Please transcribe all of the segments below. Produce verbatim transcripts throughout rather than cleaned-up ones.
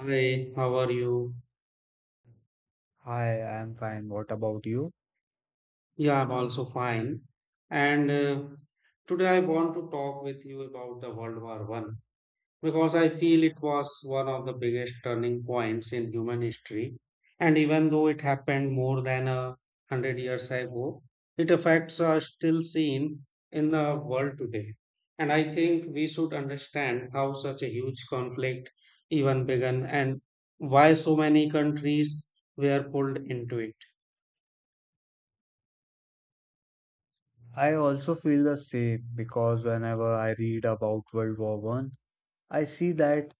Hi, how are you? Hi, I'm fine. What about you? Yeah, I'm also fine. And uh, today I want to talk with you about the World War One because I feel it was one of the biggest turning points in human history. And even though it happened more than a hundred years ago, its effects are still seen in the world today. And I think we should understand how such a huge conflict even began and why so many countries were pulled into it. I also feel the same because whenever I read about World War One, I see that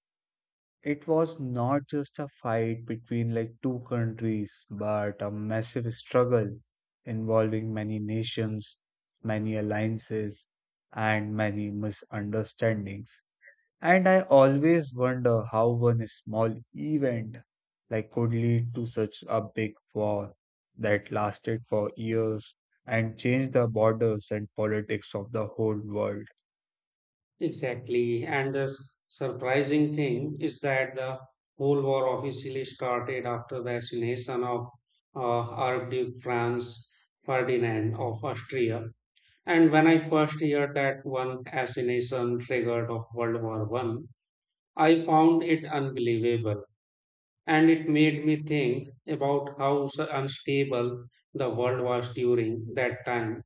it was not just a fight between like two countries, but a massive struggle involving many nations, many alliances, and many misunderstandings. And I always wonder how one small event like could lead to such a big war that lasted for years and changed the borders and politics of the whole world. Exactly. And the s- surprising thing is that the whole war officially started after the assassination of uh, Archduke Franz Ferdinand of Austria. And when I first heard that one assassination triggered of World War One, I found it unbelievable. And it made me think about how s- unstable the world was during that time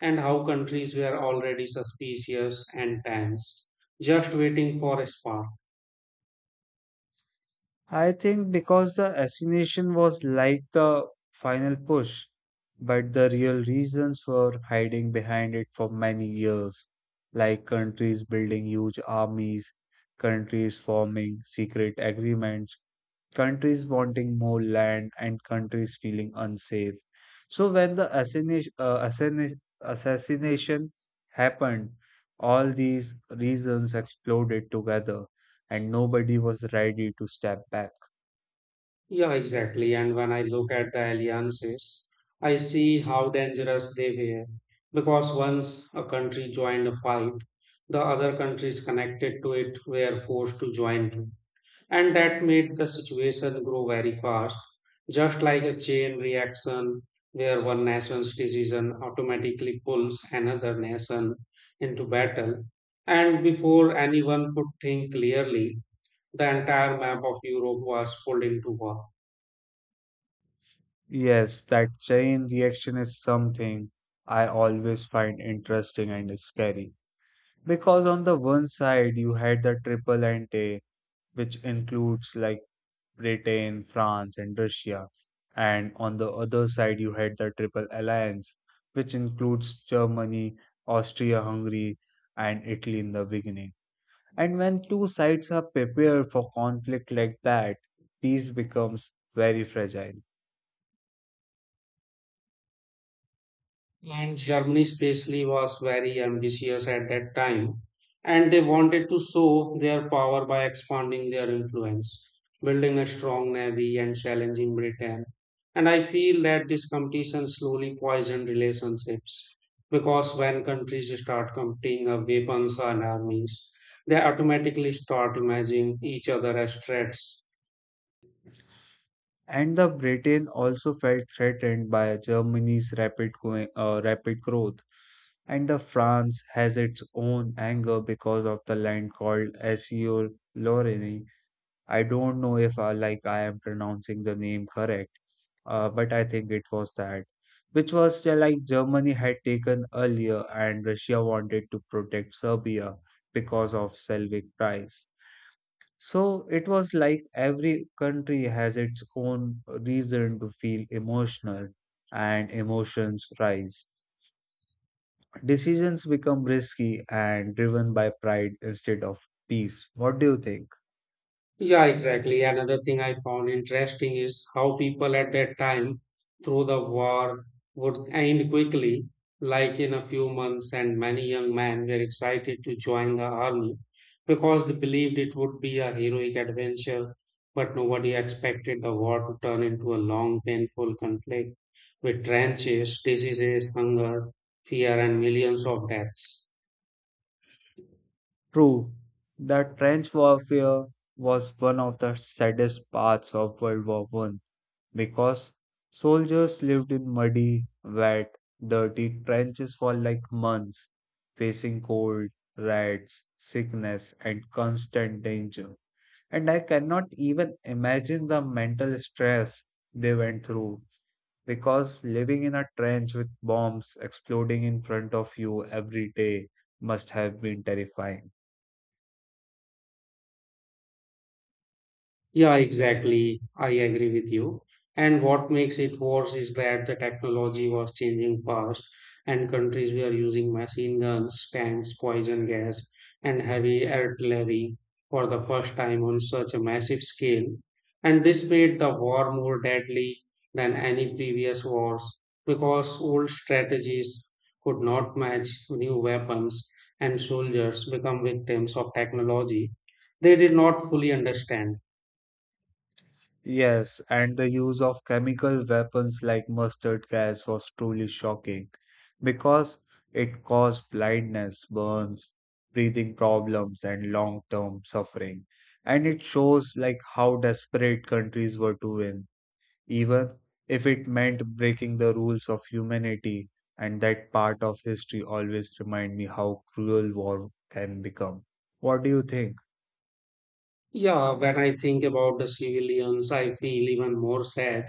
and how countries were already suspicious and tense, just waiting for a spark. I think because the assassination was like the final push, but the real reasons were hiding behind it for many years, like countries building huge armies, countries forming secret agreements, countries wanting more land, and countries feeling unsafe. So when the assassination, uh, assassination, assassination happened, all these reasons exploded together and nobody was ready to step back. Yeah, exactly. And when I look at the alliances, I see how dangerous they were. Because once a country joined a fight, the other countries connected to it were forced to join too. And that made the situation grow very fast, just like a chain reaction where one nation's decision automatically pulls another nation into battle. And before anyone could think clearly, the entire map of Europe was pulled into war. Yes, that chain reaction is something I always find interesting and scary. Because on the one side, you had the triple ante, which includes like Britain, France, and Russia. And on the other side, you had the Triple Alliance, which includes Germany, Austria Hungary, and Italy in the beginning. And when two sides are prepared for conflict like that, peace becomes very fragile. And Germany especially was very ambitious at that time, and they wanted to show their power by expanding their influence, building a strong navy and challenging Britain. And I feel that this competition slowly poisoned relationships because when countries start competing of weapons and armies, they automatically start imagining each other as threats. And the Britain also felt threatened by Germany's rapid, going, uh, rapid growth, and the France has its own anger because of the land called Alsace-Lorraine. I don't know if I like I am pronouncing the name correct, uh, but I think it was that, which was uh, like Germany had taken earlier, and Russia wanted to protect Serbia because of Slavic price. So it was like every country has its own reason to feel emotional, and emotions rise. Decisions become risky and driven by pride instead of peace. What do you think? Yeah, exactly. Another thing I found interesting is how people at that time, through the war, would end quickly, like in a few months, and many young men were excited to join the army because they believed it would be a heroic adventure. But nobody expected the war to turn into a long, painful conflict with trenches, diseases, hunger, fear, and millions of deaths. True, the trench warfare was one of the saddest parts of World War One because soldiers lived in muddy, wet, dirty trenches for like months, facing cold, rats, sickness, and constant danger. And I cannot even imagine the mental stress they went through because living in a trench with bombs exploding in front of you every day must have been terrifying. Yeah, exactly. I agree with you. And what makes it worse is that the technology was changing fast, and countries were using machine guns, tanks, poison gas, and heavy artillery for the first time on such a massive scale. And this made the war more deadly than any previous wars because old strategies could not match new weapons, and soldiers become victims of technology they did not fully understand. Yes, and the use of chemical weapons like mustard gas was truly shocking because it caused blindness, burns, breathing problems, and long-term suffering. And it shows like how desperate countries were to win, even if it meant breaking the rules of humanity. And that part of history always remind me how cruel war can become. What do you think? Yeah, when I think about the civilians, I feel even more sad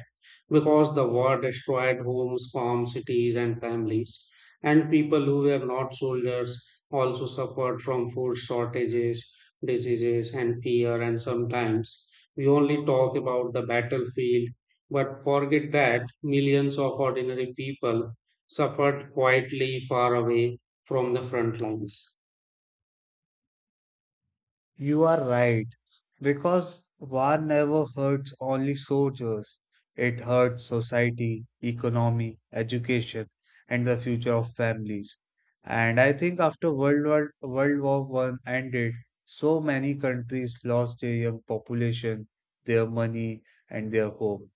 because the war destroyed homes, farms, cities, and families. And people who were not soldiers also suffered from food shortages, diseases, and fear. And sometimes we only talk about the battlefield, but forget that millions of ordinary people suffered quietly far away from the front lines. You are right, because war never hurts only soldiers. It hurts society, economy, education, and the future of families. And I think after World War World War One ended, so many countries lost their young population, their money, and their home.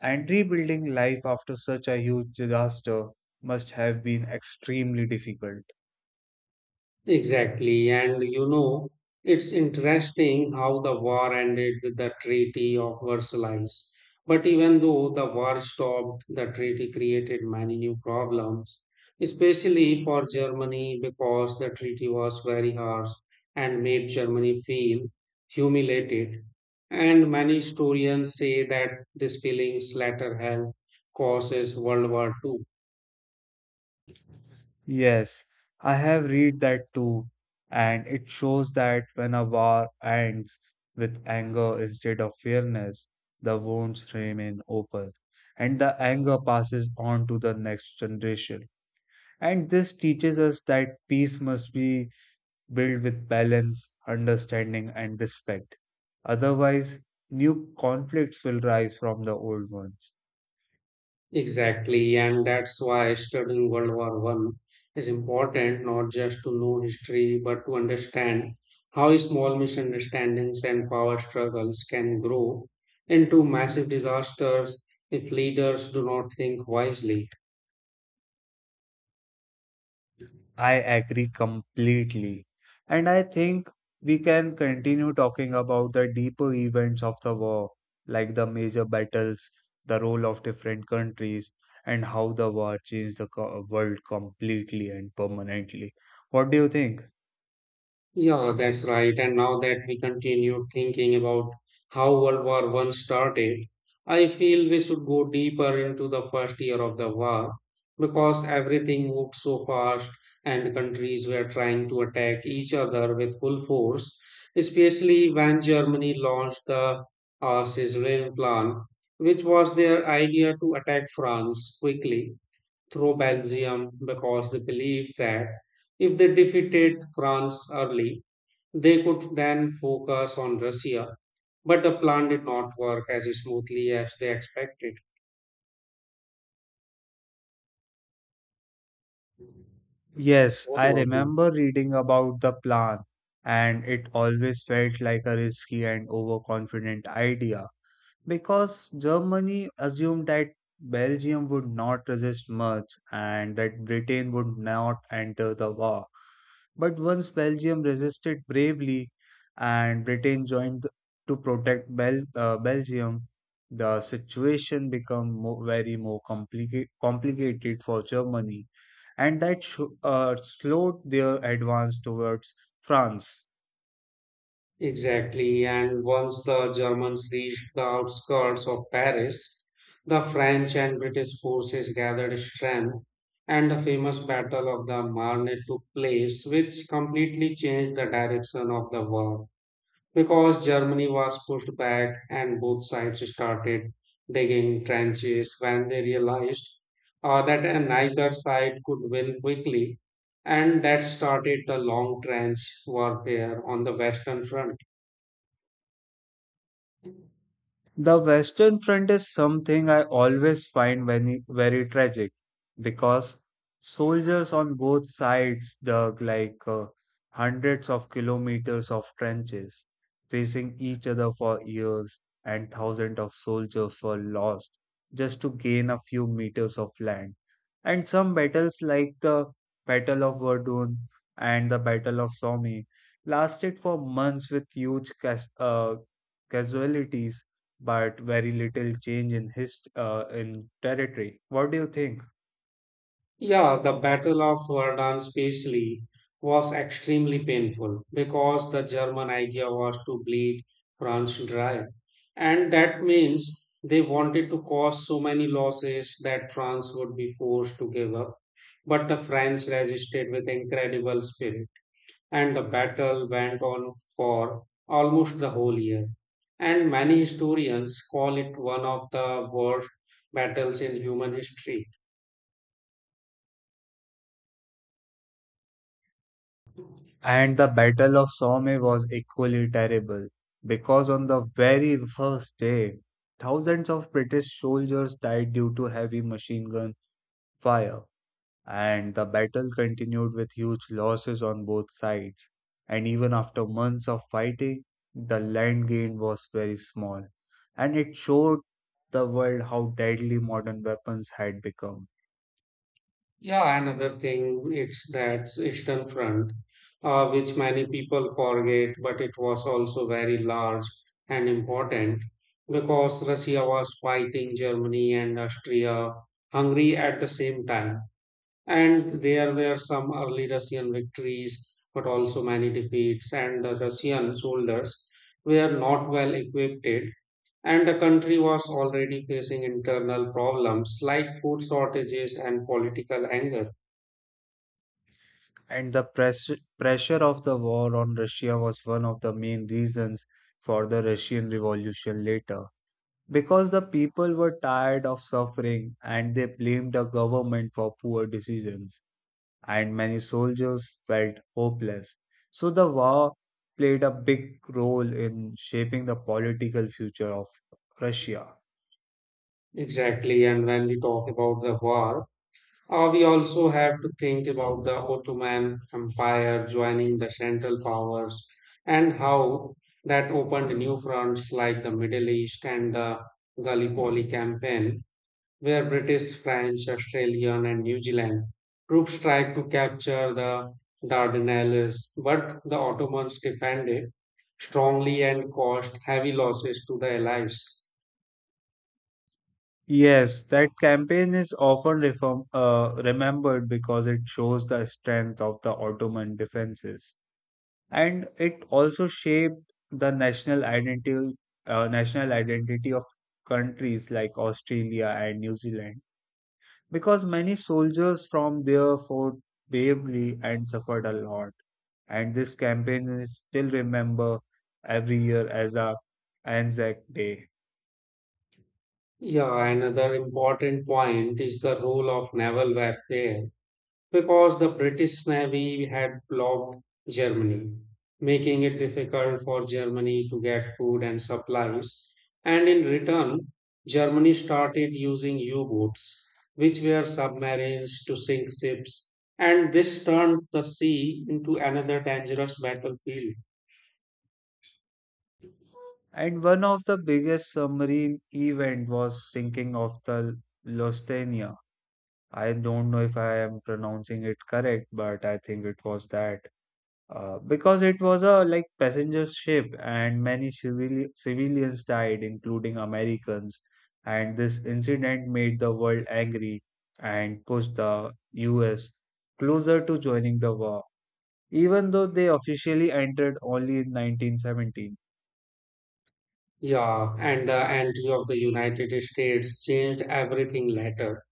And rebuilding life after such a huge disaster must have been extremely difficult. Exactly, and you know, it's interesting how the war ended with the Treaty of Versailles. But even though the war stopped, the treaty created many new problems, especially for Germany because the treaty was very harsh and made Germany feel humiliated. And many historians say that these feelings later helped causes World War Two. Yes, I have read that too, and it shows that when a war ends with anger instead of fairness, the wounds remain open, and the anger passes on to the next generation. And this teaches us that peace must be built with balance, understanding, and respect. Otherwise, new conflicts will rise from the old ones. Exactly, and that's why studying World War One is important not just to know history but to understand how small misunderstandings and power struggles can grow into massive disasters if leaders do not think wisely. I agree completely. And I think we can continue talking about the deeper events of the war, like the major battles, the role of different countries, and how the war changed the co- world completely and permanently. What do you think? Yeah, that's right. And now that we continue thinking about how World War One started, I feel we should go deeper into the first year of the war because everything moved so fast and countries were trying to attack each other with full force, especially when Germany launched the uh, Sicilian Plan, which was their idea to attack France quickly through Belgium because they believed that if they defeated France early, they could then focus on Russia, but the plan did not work as smoothly as they expected. Yes, What I about you? remember reading about the plan, and it always felt like a risky and overconfident idea, because Germany assumed that Belgium would not resist much and that Britain would not enter the war. But once Belgium resisted bravely and Britain joined to protect Bel- uh, Belgium, the situation became mo very more complica- complicated for Germany, and that sh- uh, slowed their advance towards France. Exactly, and once the Germans reached the outskirts of Paris, the French and British forces gathered strength, and the famous Battle of the Marne took place, which completely changed the direction of the war. Because Germany was pushed back and both sides started digging trenches when they realized uh, that uh, neither side could win quickly, and that started the long trench warfare on the Western Front. The Western Front is something I always find very, very tragic because soldiers on both sides dug like uh, hundreds of kilometers of trenches, facing each other for years, and thousands of soldiers were lost just to gain a few meters of land. And some battles, like the Battle of Verdun and the Battle of Somme, lasted for months with huge cas- uh, casualties but very little change in his uh, in territory. What do you think? Yeah, the Battle of Verdun, especially, was extremely painful because the German idea was to bleed France dry. And that means they wanted to cause so many losses that France would be forced to give up. But the French resisted with incredible spirit, and the battle went on for almost the whole year. And many historians call it one of the worst battles in human history. And the Battle of Somme was equally terrible because on the very first day, thousands of British soldiers died due to heavy machine gun fire, and the battle continued with huge losses on both sides. And even after months of fighting, the land gain was very small, and it showed the world how deadly modern weapons had become. Yeah, another thing it's that Eastern Front, uh, which many people forget, but it was also very large and important because Russia was fighting Germany and Austria Hungary at the same time. And there were some early Russian victories, but also many defeats, and the Russian soldiers were not well equipped, and the country was already facing internal problems like food shortages and political anger. And the press- pressure of the war on Russia was one of the main reasons for the Russian Revolution later. Because the people were tired of suffering and they blamed the government for poor decisions, and many soldiers felt hopeless. So the war played a big role in shaping the political future of Russia. Exactly, and when we talk about the war, uh, we also have to think about the Ottoman Empire joining the Central Powers and how that opened new fronts like the Middle East and the Gallipoli campaign, where British, French, Australian, and New Zealand troops tried to capture the Dardanelles, but the Ottomans defended strongly and caused heavy losses to the Allies. Yes, that campaign is often reform, uh, remembered because it shows the strength of the Ottoman defenses, and it also shaped the national identity uh, national identity of countries like Australia and New Zealand because many soldiers from there fought bravely and suffered a lot, and this campaign is still remembered every year as a Anzac Day. Yeah, another important point is the role of naval warfare because the British Navy had blocked Germany, making it difficult for Germany to get food and supplies. And in return, Germany started using U boats, which were submarines, to sink ships. And this turned the sea into another dangerous battlefield. And one of the biggest submarine event was sinking of the Lusitania. I don't know if I am pronouncing it correct, but I think it was that. Uh, because it was a like passenger ship and many civili- civilians died including americans, and this incident made the world angry and pushed the us closer to joining the war even though they officially entered only in nineteen seventeen. Yeah, and the entry of the United States changed everything later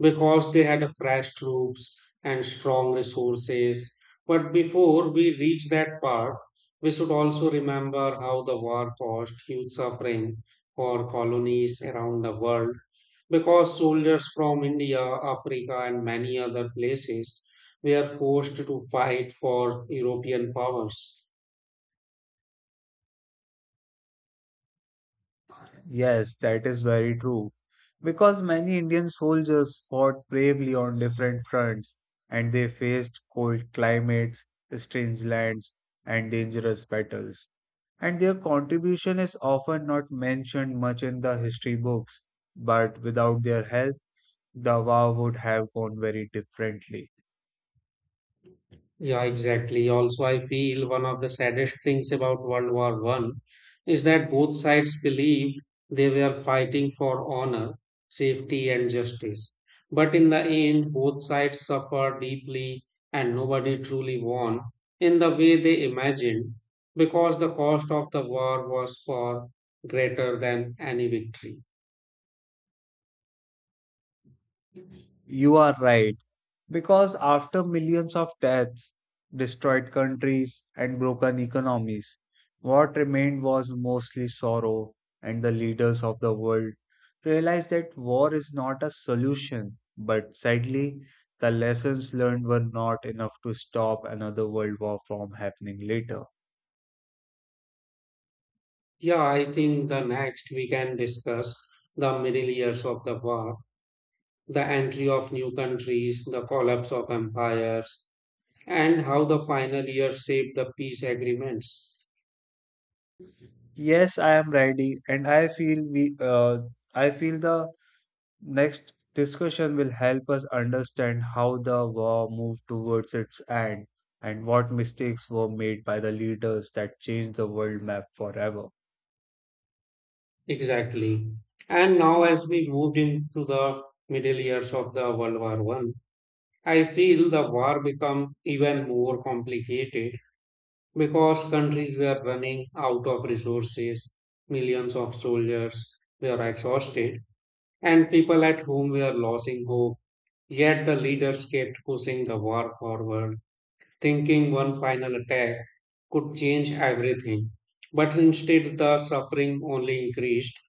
because they had a fresh troops and strong resources. But before we reach that part, we should also remember how the war caused huge suffering for colonies around the world because soldiers from India, Africa, and many other places were forced to fight for European powers. Yes, that is very true. Because many Indian soldiers fought bravely on different fronts and they faced cold climates, strange lands, and dangerous battles. And their contribution is often not mentioned much in the history books, but without their help, the war would have gone very differently. Yeah, exactly. Also, I feel one of the saddest things about World War One is that both sides believed they were fighting for honor, safety, and justice. But in the end, both sides suffered deeply and nobody truly won in the way they imagined because the cost of the war was far greater than any victory. You are right. Because after millions of deaths, destroyed countries, and broken economies, what remained was mostly sorrow, and the leaders of the world realized that war is not a solution. But sadly, the lessons learned were not enough to stop another world war from happening later. Yeah, I think the next we can discuss the middle years of the war, the entry of new countries, the collapse of empires, and how the final year shaped the peace agreements. Yes, I am ready, and I feel we. Uh, I feel the Next discussion will help us understand how the war moved towards its end and what mistakes were made by the leaders that changed the world map forever. Exactly. And now, as we moved into the middle years of the World War One, I feel the war become even more complicated because countries were running out of resources, millions of soldiers were exhausted, and people at home were losing hope. Yet the leaders kept pushing the war forward thinking one final attack could change everything. But instead, the suffering only increased.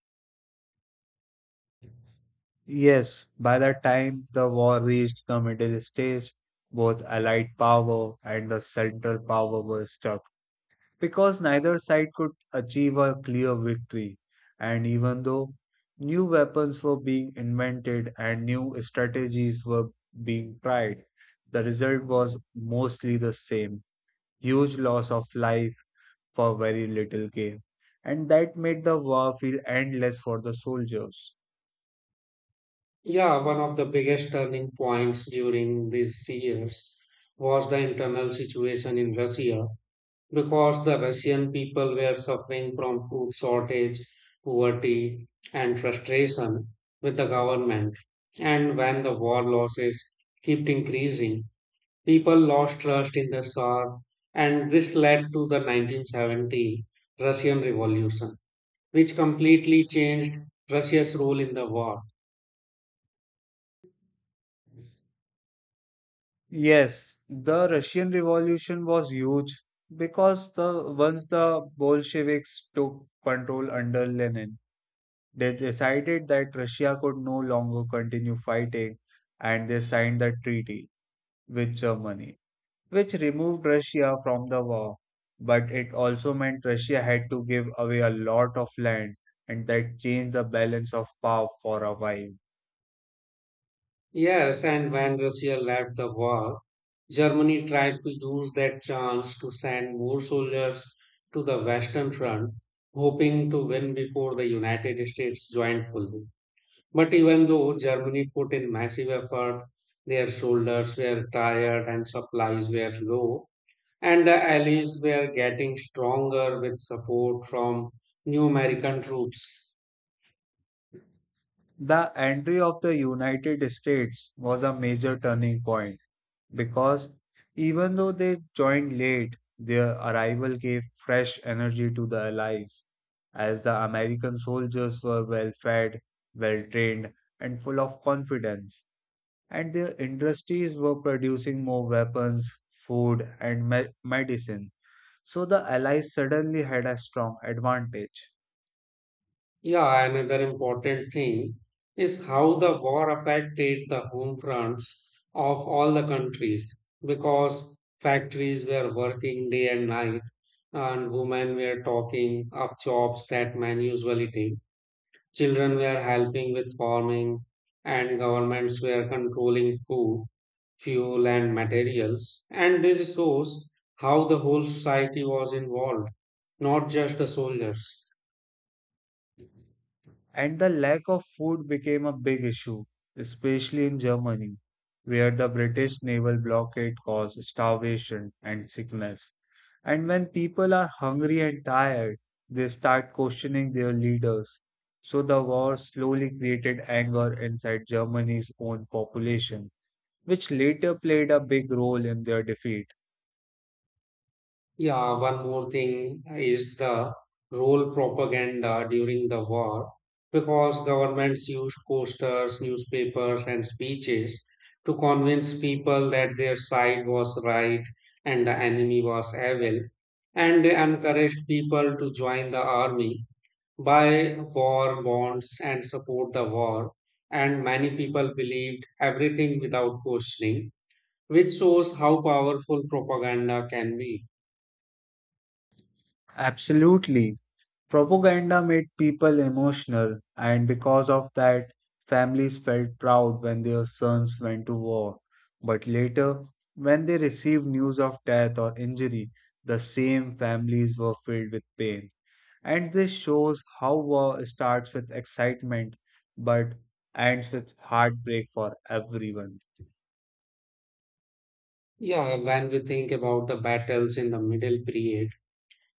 Yes, by the time the war reached the middle stage, both Allied power and the Central power were stuck, because neither side could achieve a clear victory. And even though new weapons were being invented and new strategies were being tried, the result was mostly the same, huge loss of life for very little gain. And that made the war feel endless for the soldiers. Yeah, one of the biggest turning points during these years was the internal situation in Russia because the Russian people were suffering from food shortage, poverty, and frustration with the government. And when the war losses kept increasing, people lost trust in the Tsar, and this led to the nineteen seventeen Russian Revolution, which completely changed Russia's role in the war. Yes, the Russian Revolution was huge because the once the Bolsheviks took control under Lenin, they decided that Russia could no longer continue fighting, and they signed the treaty with Germany, which removed Russia from the war. But it also meant Russia had to give away a lot of land, and that changed the balance of power for a while. Yes, and when Russia left the war, Germany tried to use that chance to send more soldiers to the Western Front, hoping to win before the United States joined fully. But even though Germany put in massive effort, their soldiers were tired and supplies were low, and the allies were getting stronger with support from new American troops. The entry of the United States was a major turning point because even though they joined late, their arrival gave fresh energy to the allies, as the American soldiers were well fed, well trained, and full of confidence, and their industries were producing more weapons, food, and me- medicine. So the allies suddenly had a strong advantage. Yeah, another important thing is how the war affected the home fronts of all the countries because factories were working day and night and women were talking up jobs that men usually take. Children were helping with farming, and governments were controlling food, fuel, and materials. And this shows how the whole society was involved, not just the soldiers. And the lack of food became a big issue, especially in Germany, where the British naval blockade caused starvation and sickness. And when people are hungry and tired, they start questioning their leaders. So the war slowly created anger inside Germany's own population, which later played a big role in their defeat. Yeah, one more thing is the role propaganda during the war, because governments used posters, newspapers, and speeches to convince people that their side was right and the enemy was evil, and they encouraged people to join the army, buy war bonds, and support the war. And many people believed everything without questioning, which shows how powerful propaganda can be. Absolutely. Propaganda made people emotional, and because of that, families felt proud when their sons went to war. But later, when they received news of death or injury, the same families were filled with pain. And this shows how war starts with excitement but ends with heartbreak for everyone. Yeah, when we think about the battles in the Middle Period,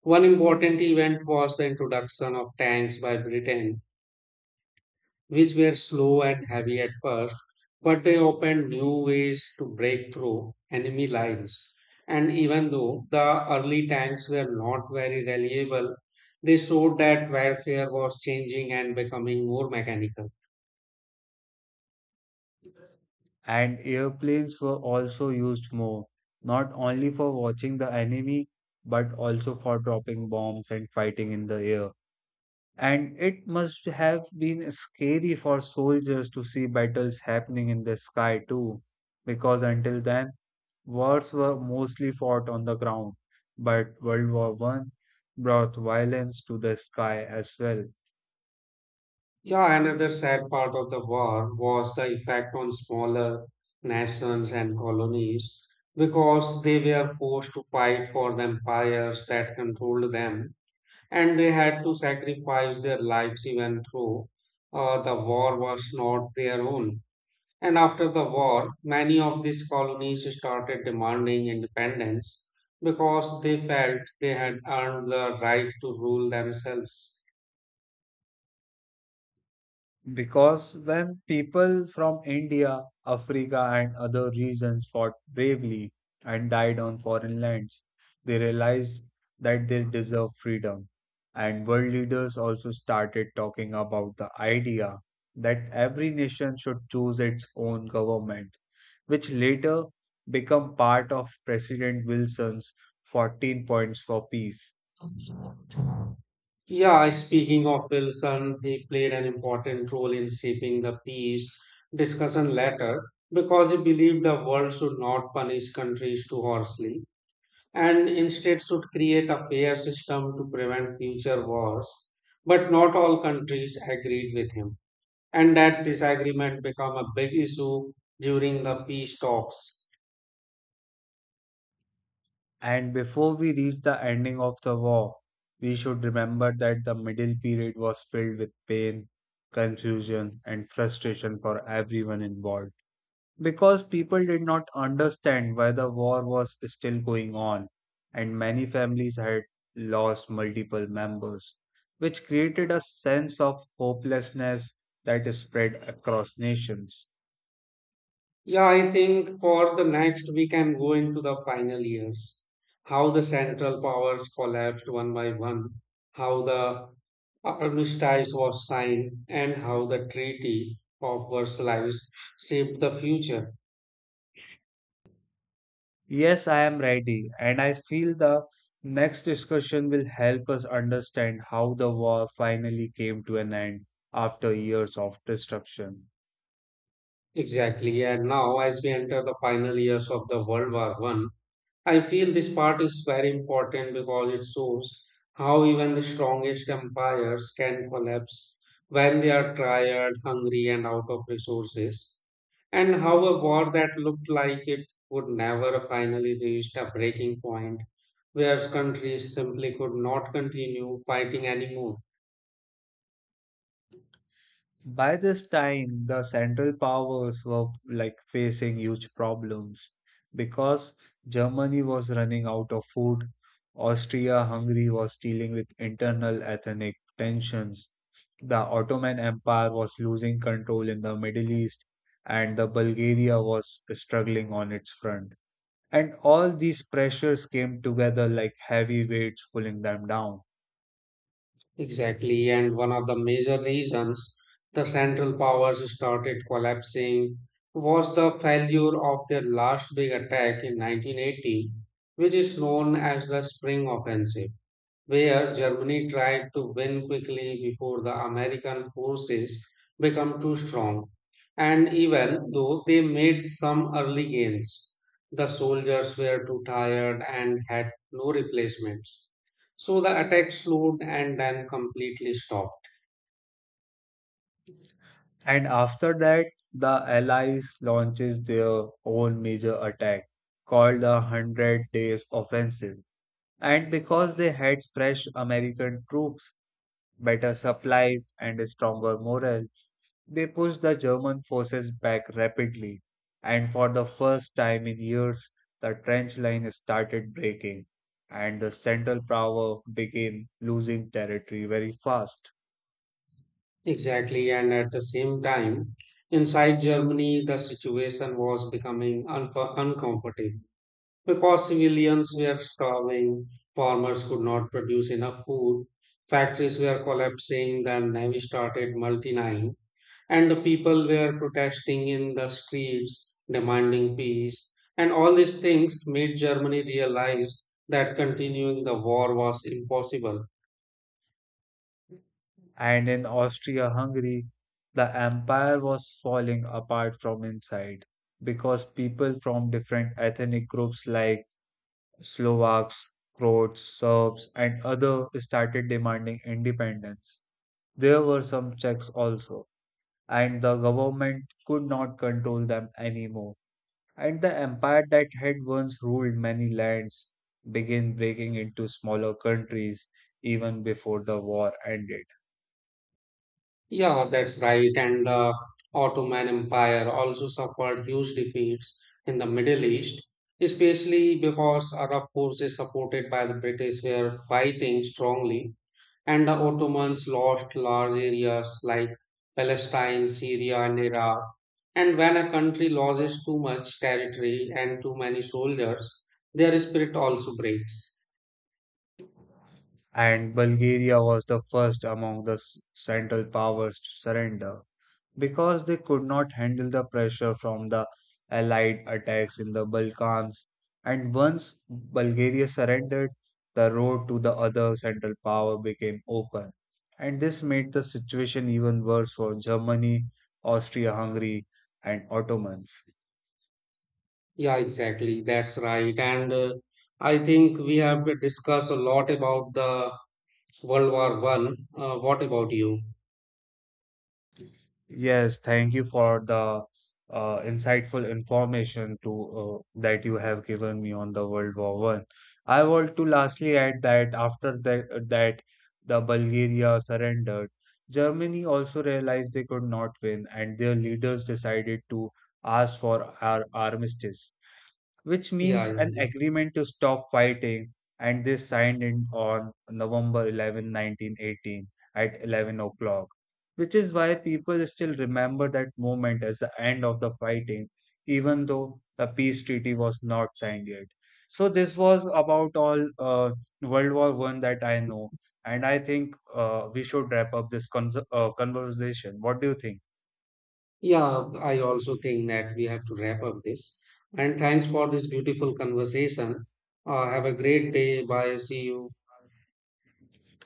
one important event was the introduction of tanks by Britain, which were slow and heavy at first, but they opened new ways to break through enemy lines. And even though the early tanks were not very reliable, they showed that warfare was changing and becoming more mechanical. And airplanes were also used more, not only for watching the enemy but also for dropping bombs and fighting in the air. And it must have been scary for soldiers to see battles happening in the sky too, because until then, wars were mostly fought on the ground. But World War One brought violence to the sky as well. Yeah, another sad part of the war was the effect on smaller nations and colonies because they were forced to fight for the empires that controlled them and they had to sacrifice their lives even though uh, the war was not their own. And after the war, many of these colonies started demanding independence because they felt they had earned the right to rule themselves. Because when people from India, Africa, and other regions fought bravely and died on foreign lands, they realized that they deserved freedom. And world leaders also started talking about the idea that every nation should choose its own government, which later became part of President Wilson's fourteen points for peace. Yeah, speaking of Wilson, he played an important role in shaping the peace discussion later because he believed the world should not punish countries too harshly and instead should create a fair system to prevent future wars. But not all countries agreed with him, and that disagreement became a big issue during the peace talks. And before we reach the ending of the war, we should remember that the middle period was filled with pain, confusion, and frustration for everyone involved. Because people did not understand why the war was still going on, and many families had lost multiple members, which created a sense of hopelessness that spread across nations. Yeah, I think for the next we can go into the final years. How the central powers collapsed one by one, how the armistice was signed, and how the Treaty of Versailles shaped the future. Yes, I am ready, and I feel the next discussion will help us understand how the war finally came to an end after years of destruction. Exactly. And now, as we enter the final years of the World War One. I feel this part is very important because it shows how even the strongest empires can collapse when they are tired, hungry, and out of resources, and how a war that looked like it would never finally reach a breaking point where countries simply could not continue fighting anymore. By this time, the Central Powers were like facing huge problems because Germany was running out of food, Austria-Hungary was dealing with internal ethnic tensions, the Ottoman Empire was losing control in the Middle East, and the Bulgaria was struggling on its front. And all these pressures came together like heavy weights pulling them down. Exactly, and one of the major reasons the Central Powers started collapsing was the failure of their last big attack in nineteen eighty, which is known as the Spring Offensive where Germany tried to win quickly before the American forces became too strong. And even though they made some early gains, the soldiers were too tired and had no replacements. So the attack slowed and then completely stopped. And after that, the Allies launches their own major attack called the Hundred Days Offensive. And because they had fresh American troops, better supplies, and a stronger morale, they pushed the German forces back rapidly, and for the first time in years, the trench line started breaking, and the Central Power began losing territory very fast. Exactly, and at the same time, inside Germany, the situation was becoming unf- uncomfortable. Because civilians were starving, farmers could not produce enough food, factories were collapsing, the navy started multiplying, and the people were protesting in the streets, demanding peace. And all these things made Germany realize that continuing the war was impossible. And in Austria Hungary, the empire was falling apart from inside because people from different ethnic groups like Slovaks, Croats, Serbs, and others, started demanding independence. There were some checks also, and the government could not control them anymore. And the empire that had once ruled many lands began breaking into smaller countries even before the war ended. Yeah, that's right. And the Ottoman Empire also suffered huge defeats in the Middle East, especially because Arab forces supported by the British were fighting strongly, and the Ottomans lost large areas like Palestine, Syria, and Iraq. And when a country loses too much territory and too many soldiers, their spirit also breaks. And Bulgaria was the first among the s- central powers to surrender, because they could not handle the pressure from the Allied attacks in the Balkans. And once Bulgaria surrendered, the road to the other Central Power became open. And this made the situation even worse for Germany, Austria Hungary, and Ottomans. Yeah, exactly. That's right. And uh, I think we have discussed a lot about the World War One. Uh, what about you? Yes, thank you for the uh, insightful information to uh, that you have given me on the World War One. I want to lastly add that after that, that the Bulgaria surrendered, Germany also realized they could not win, and their leaders decided to ask for our armistice, which Yeah, means yeah, an agreement to stop fighting, and they signed it on November eleventh, nineteen eighteen at eleven o'clock, which is why people still remember that moment as the end of the fighting, even though the peace treaty was not signed yet. So this was about all uh, World War One that I know, and I think uh, we should wrap up this con- uh, conversation. What do you think? yeah. I also think that we have to wrap up this. And thanks for this beautiful conversation. Uh, have a great day. Bye. See you.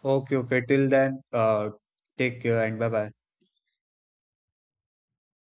Okay, okay. Till then, uh, take care and bye bye.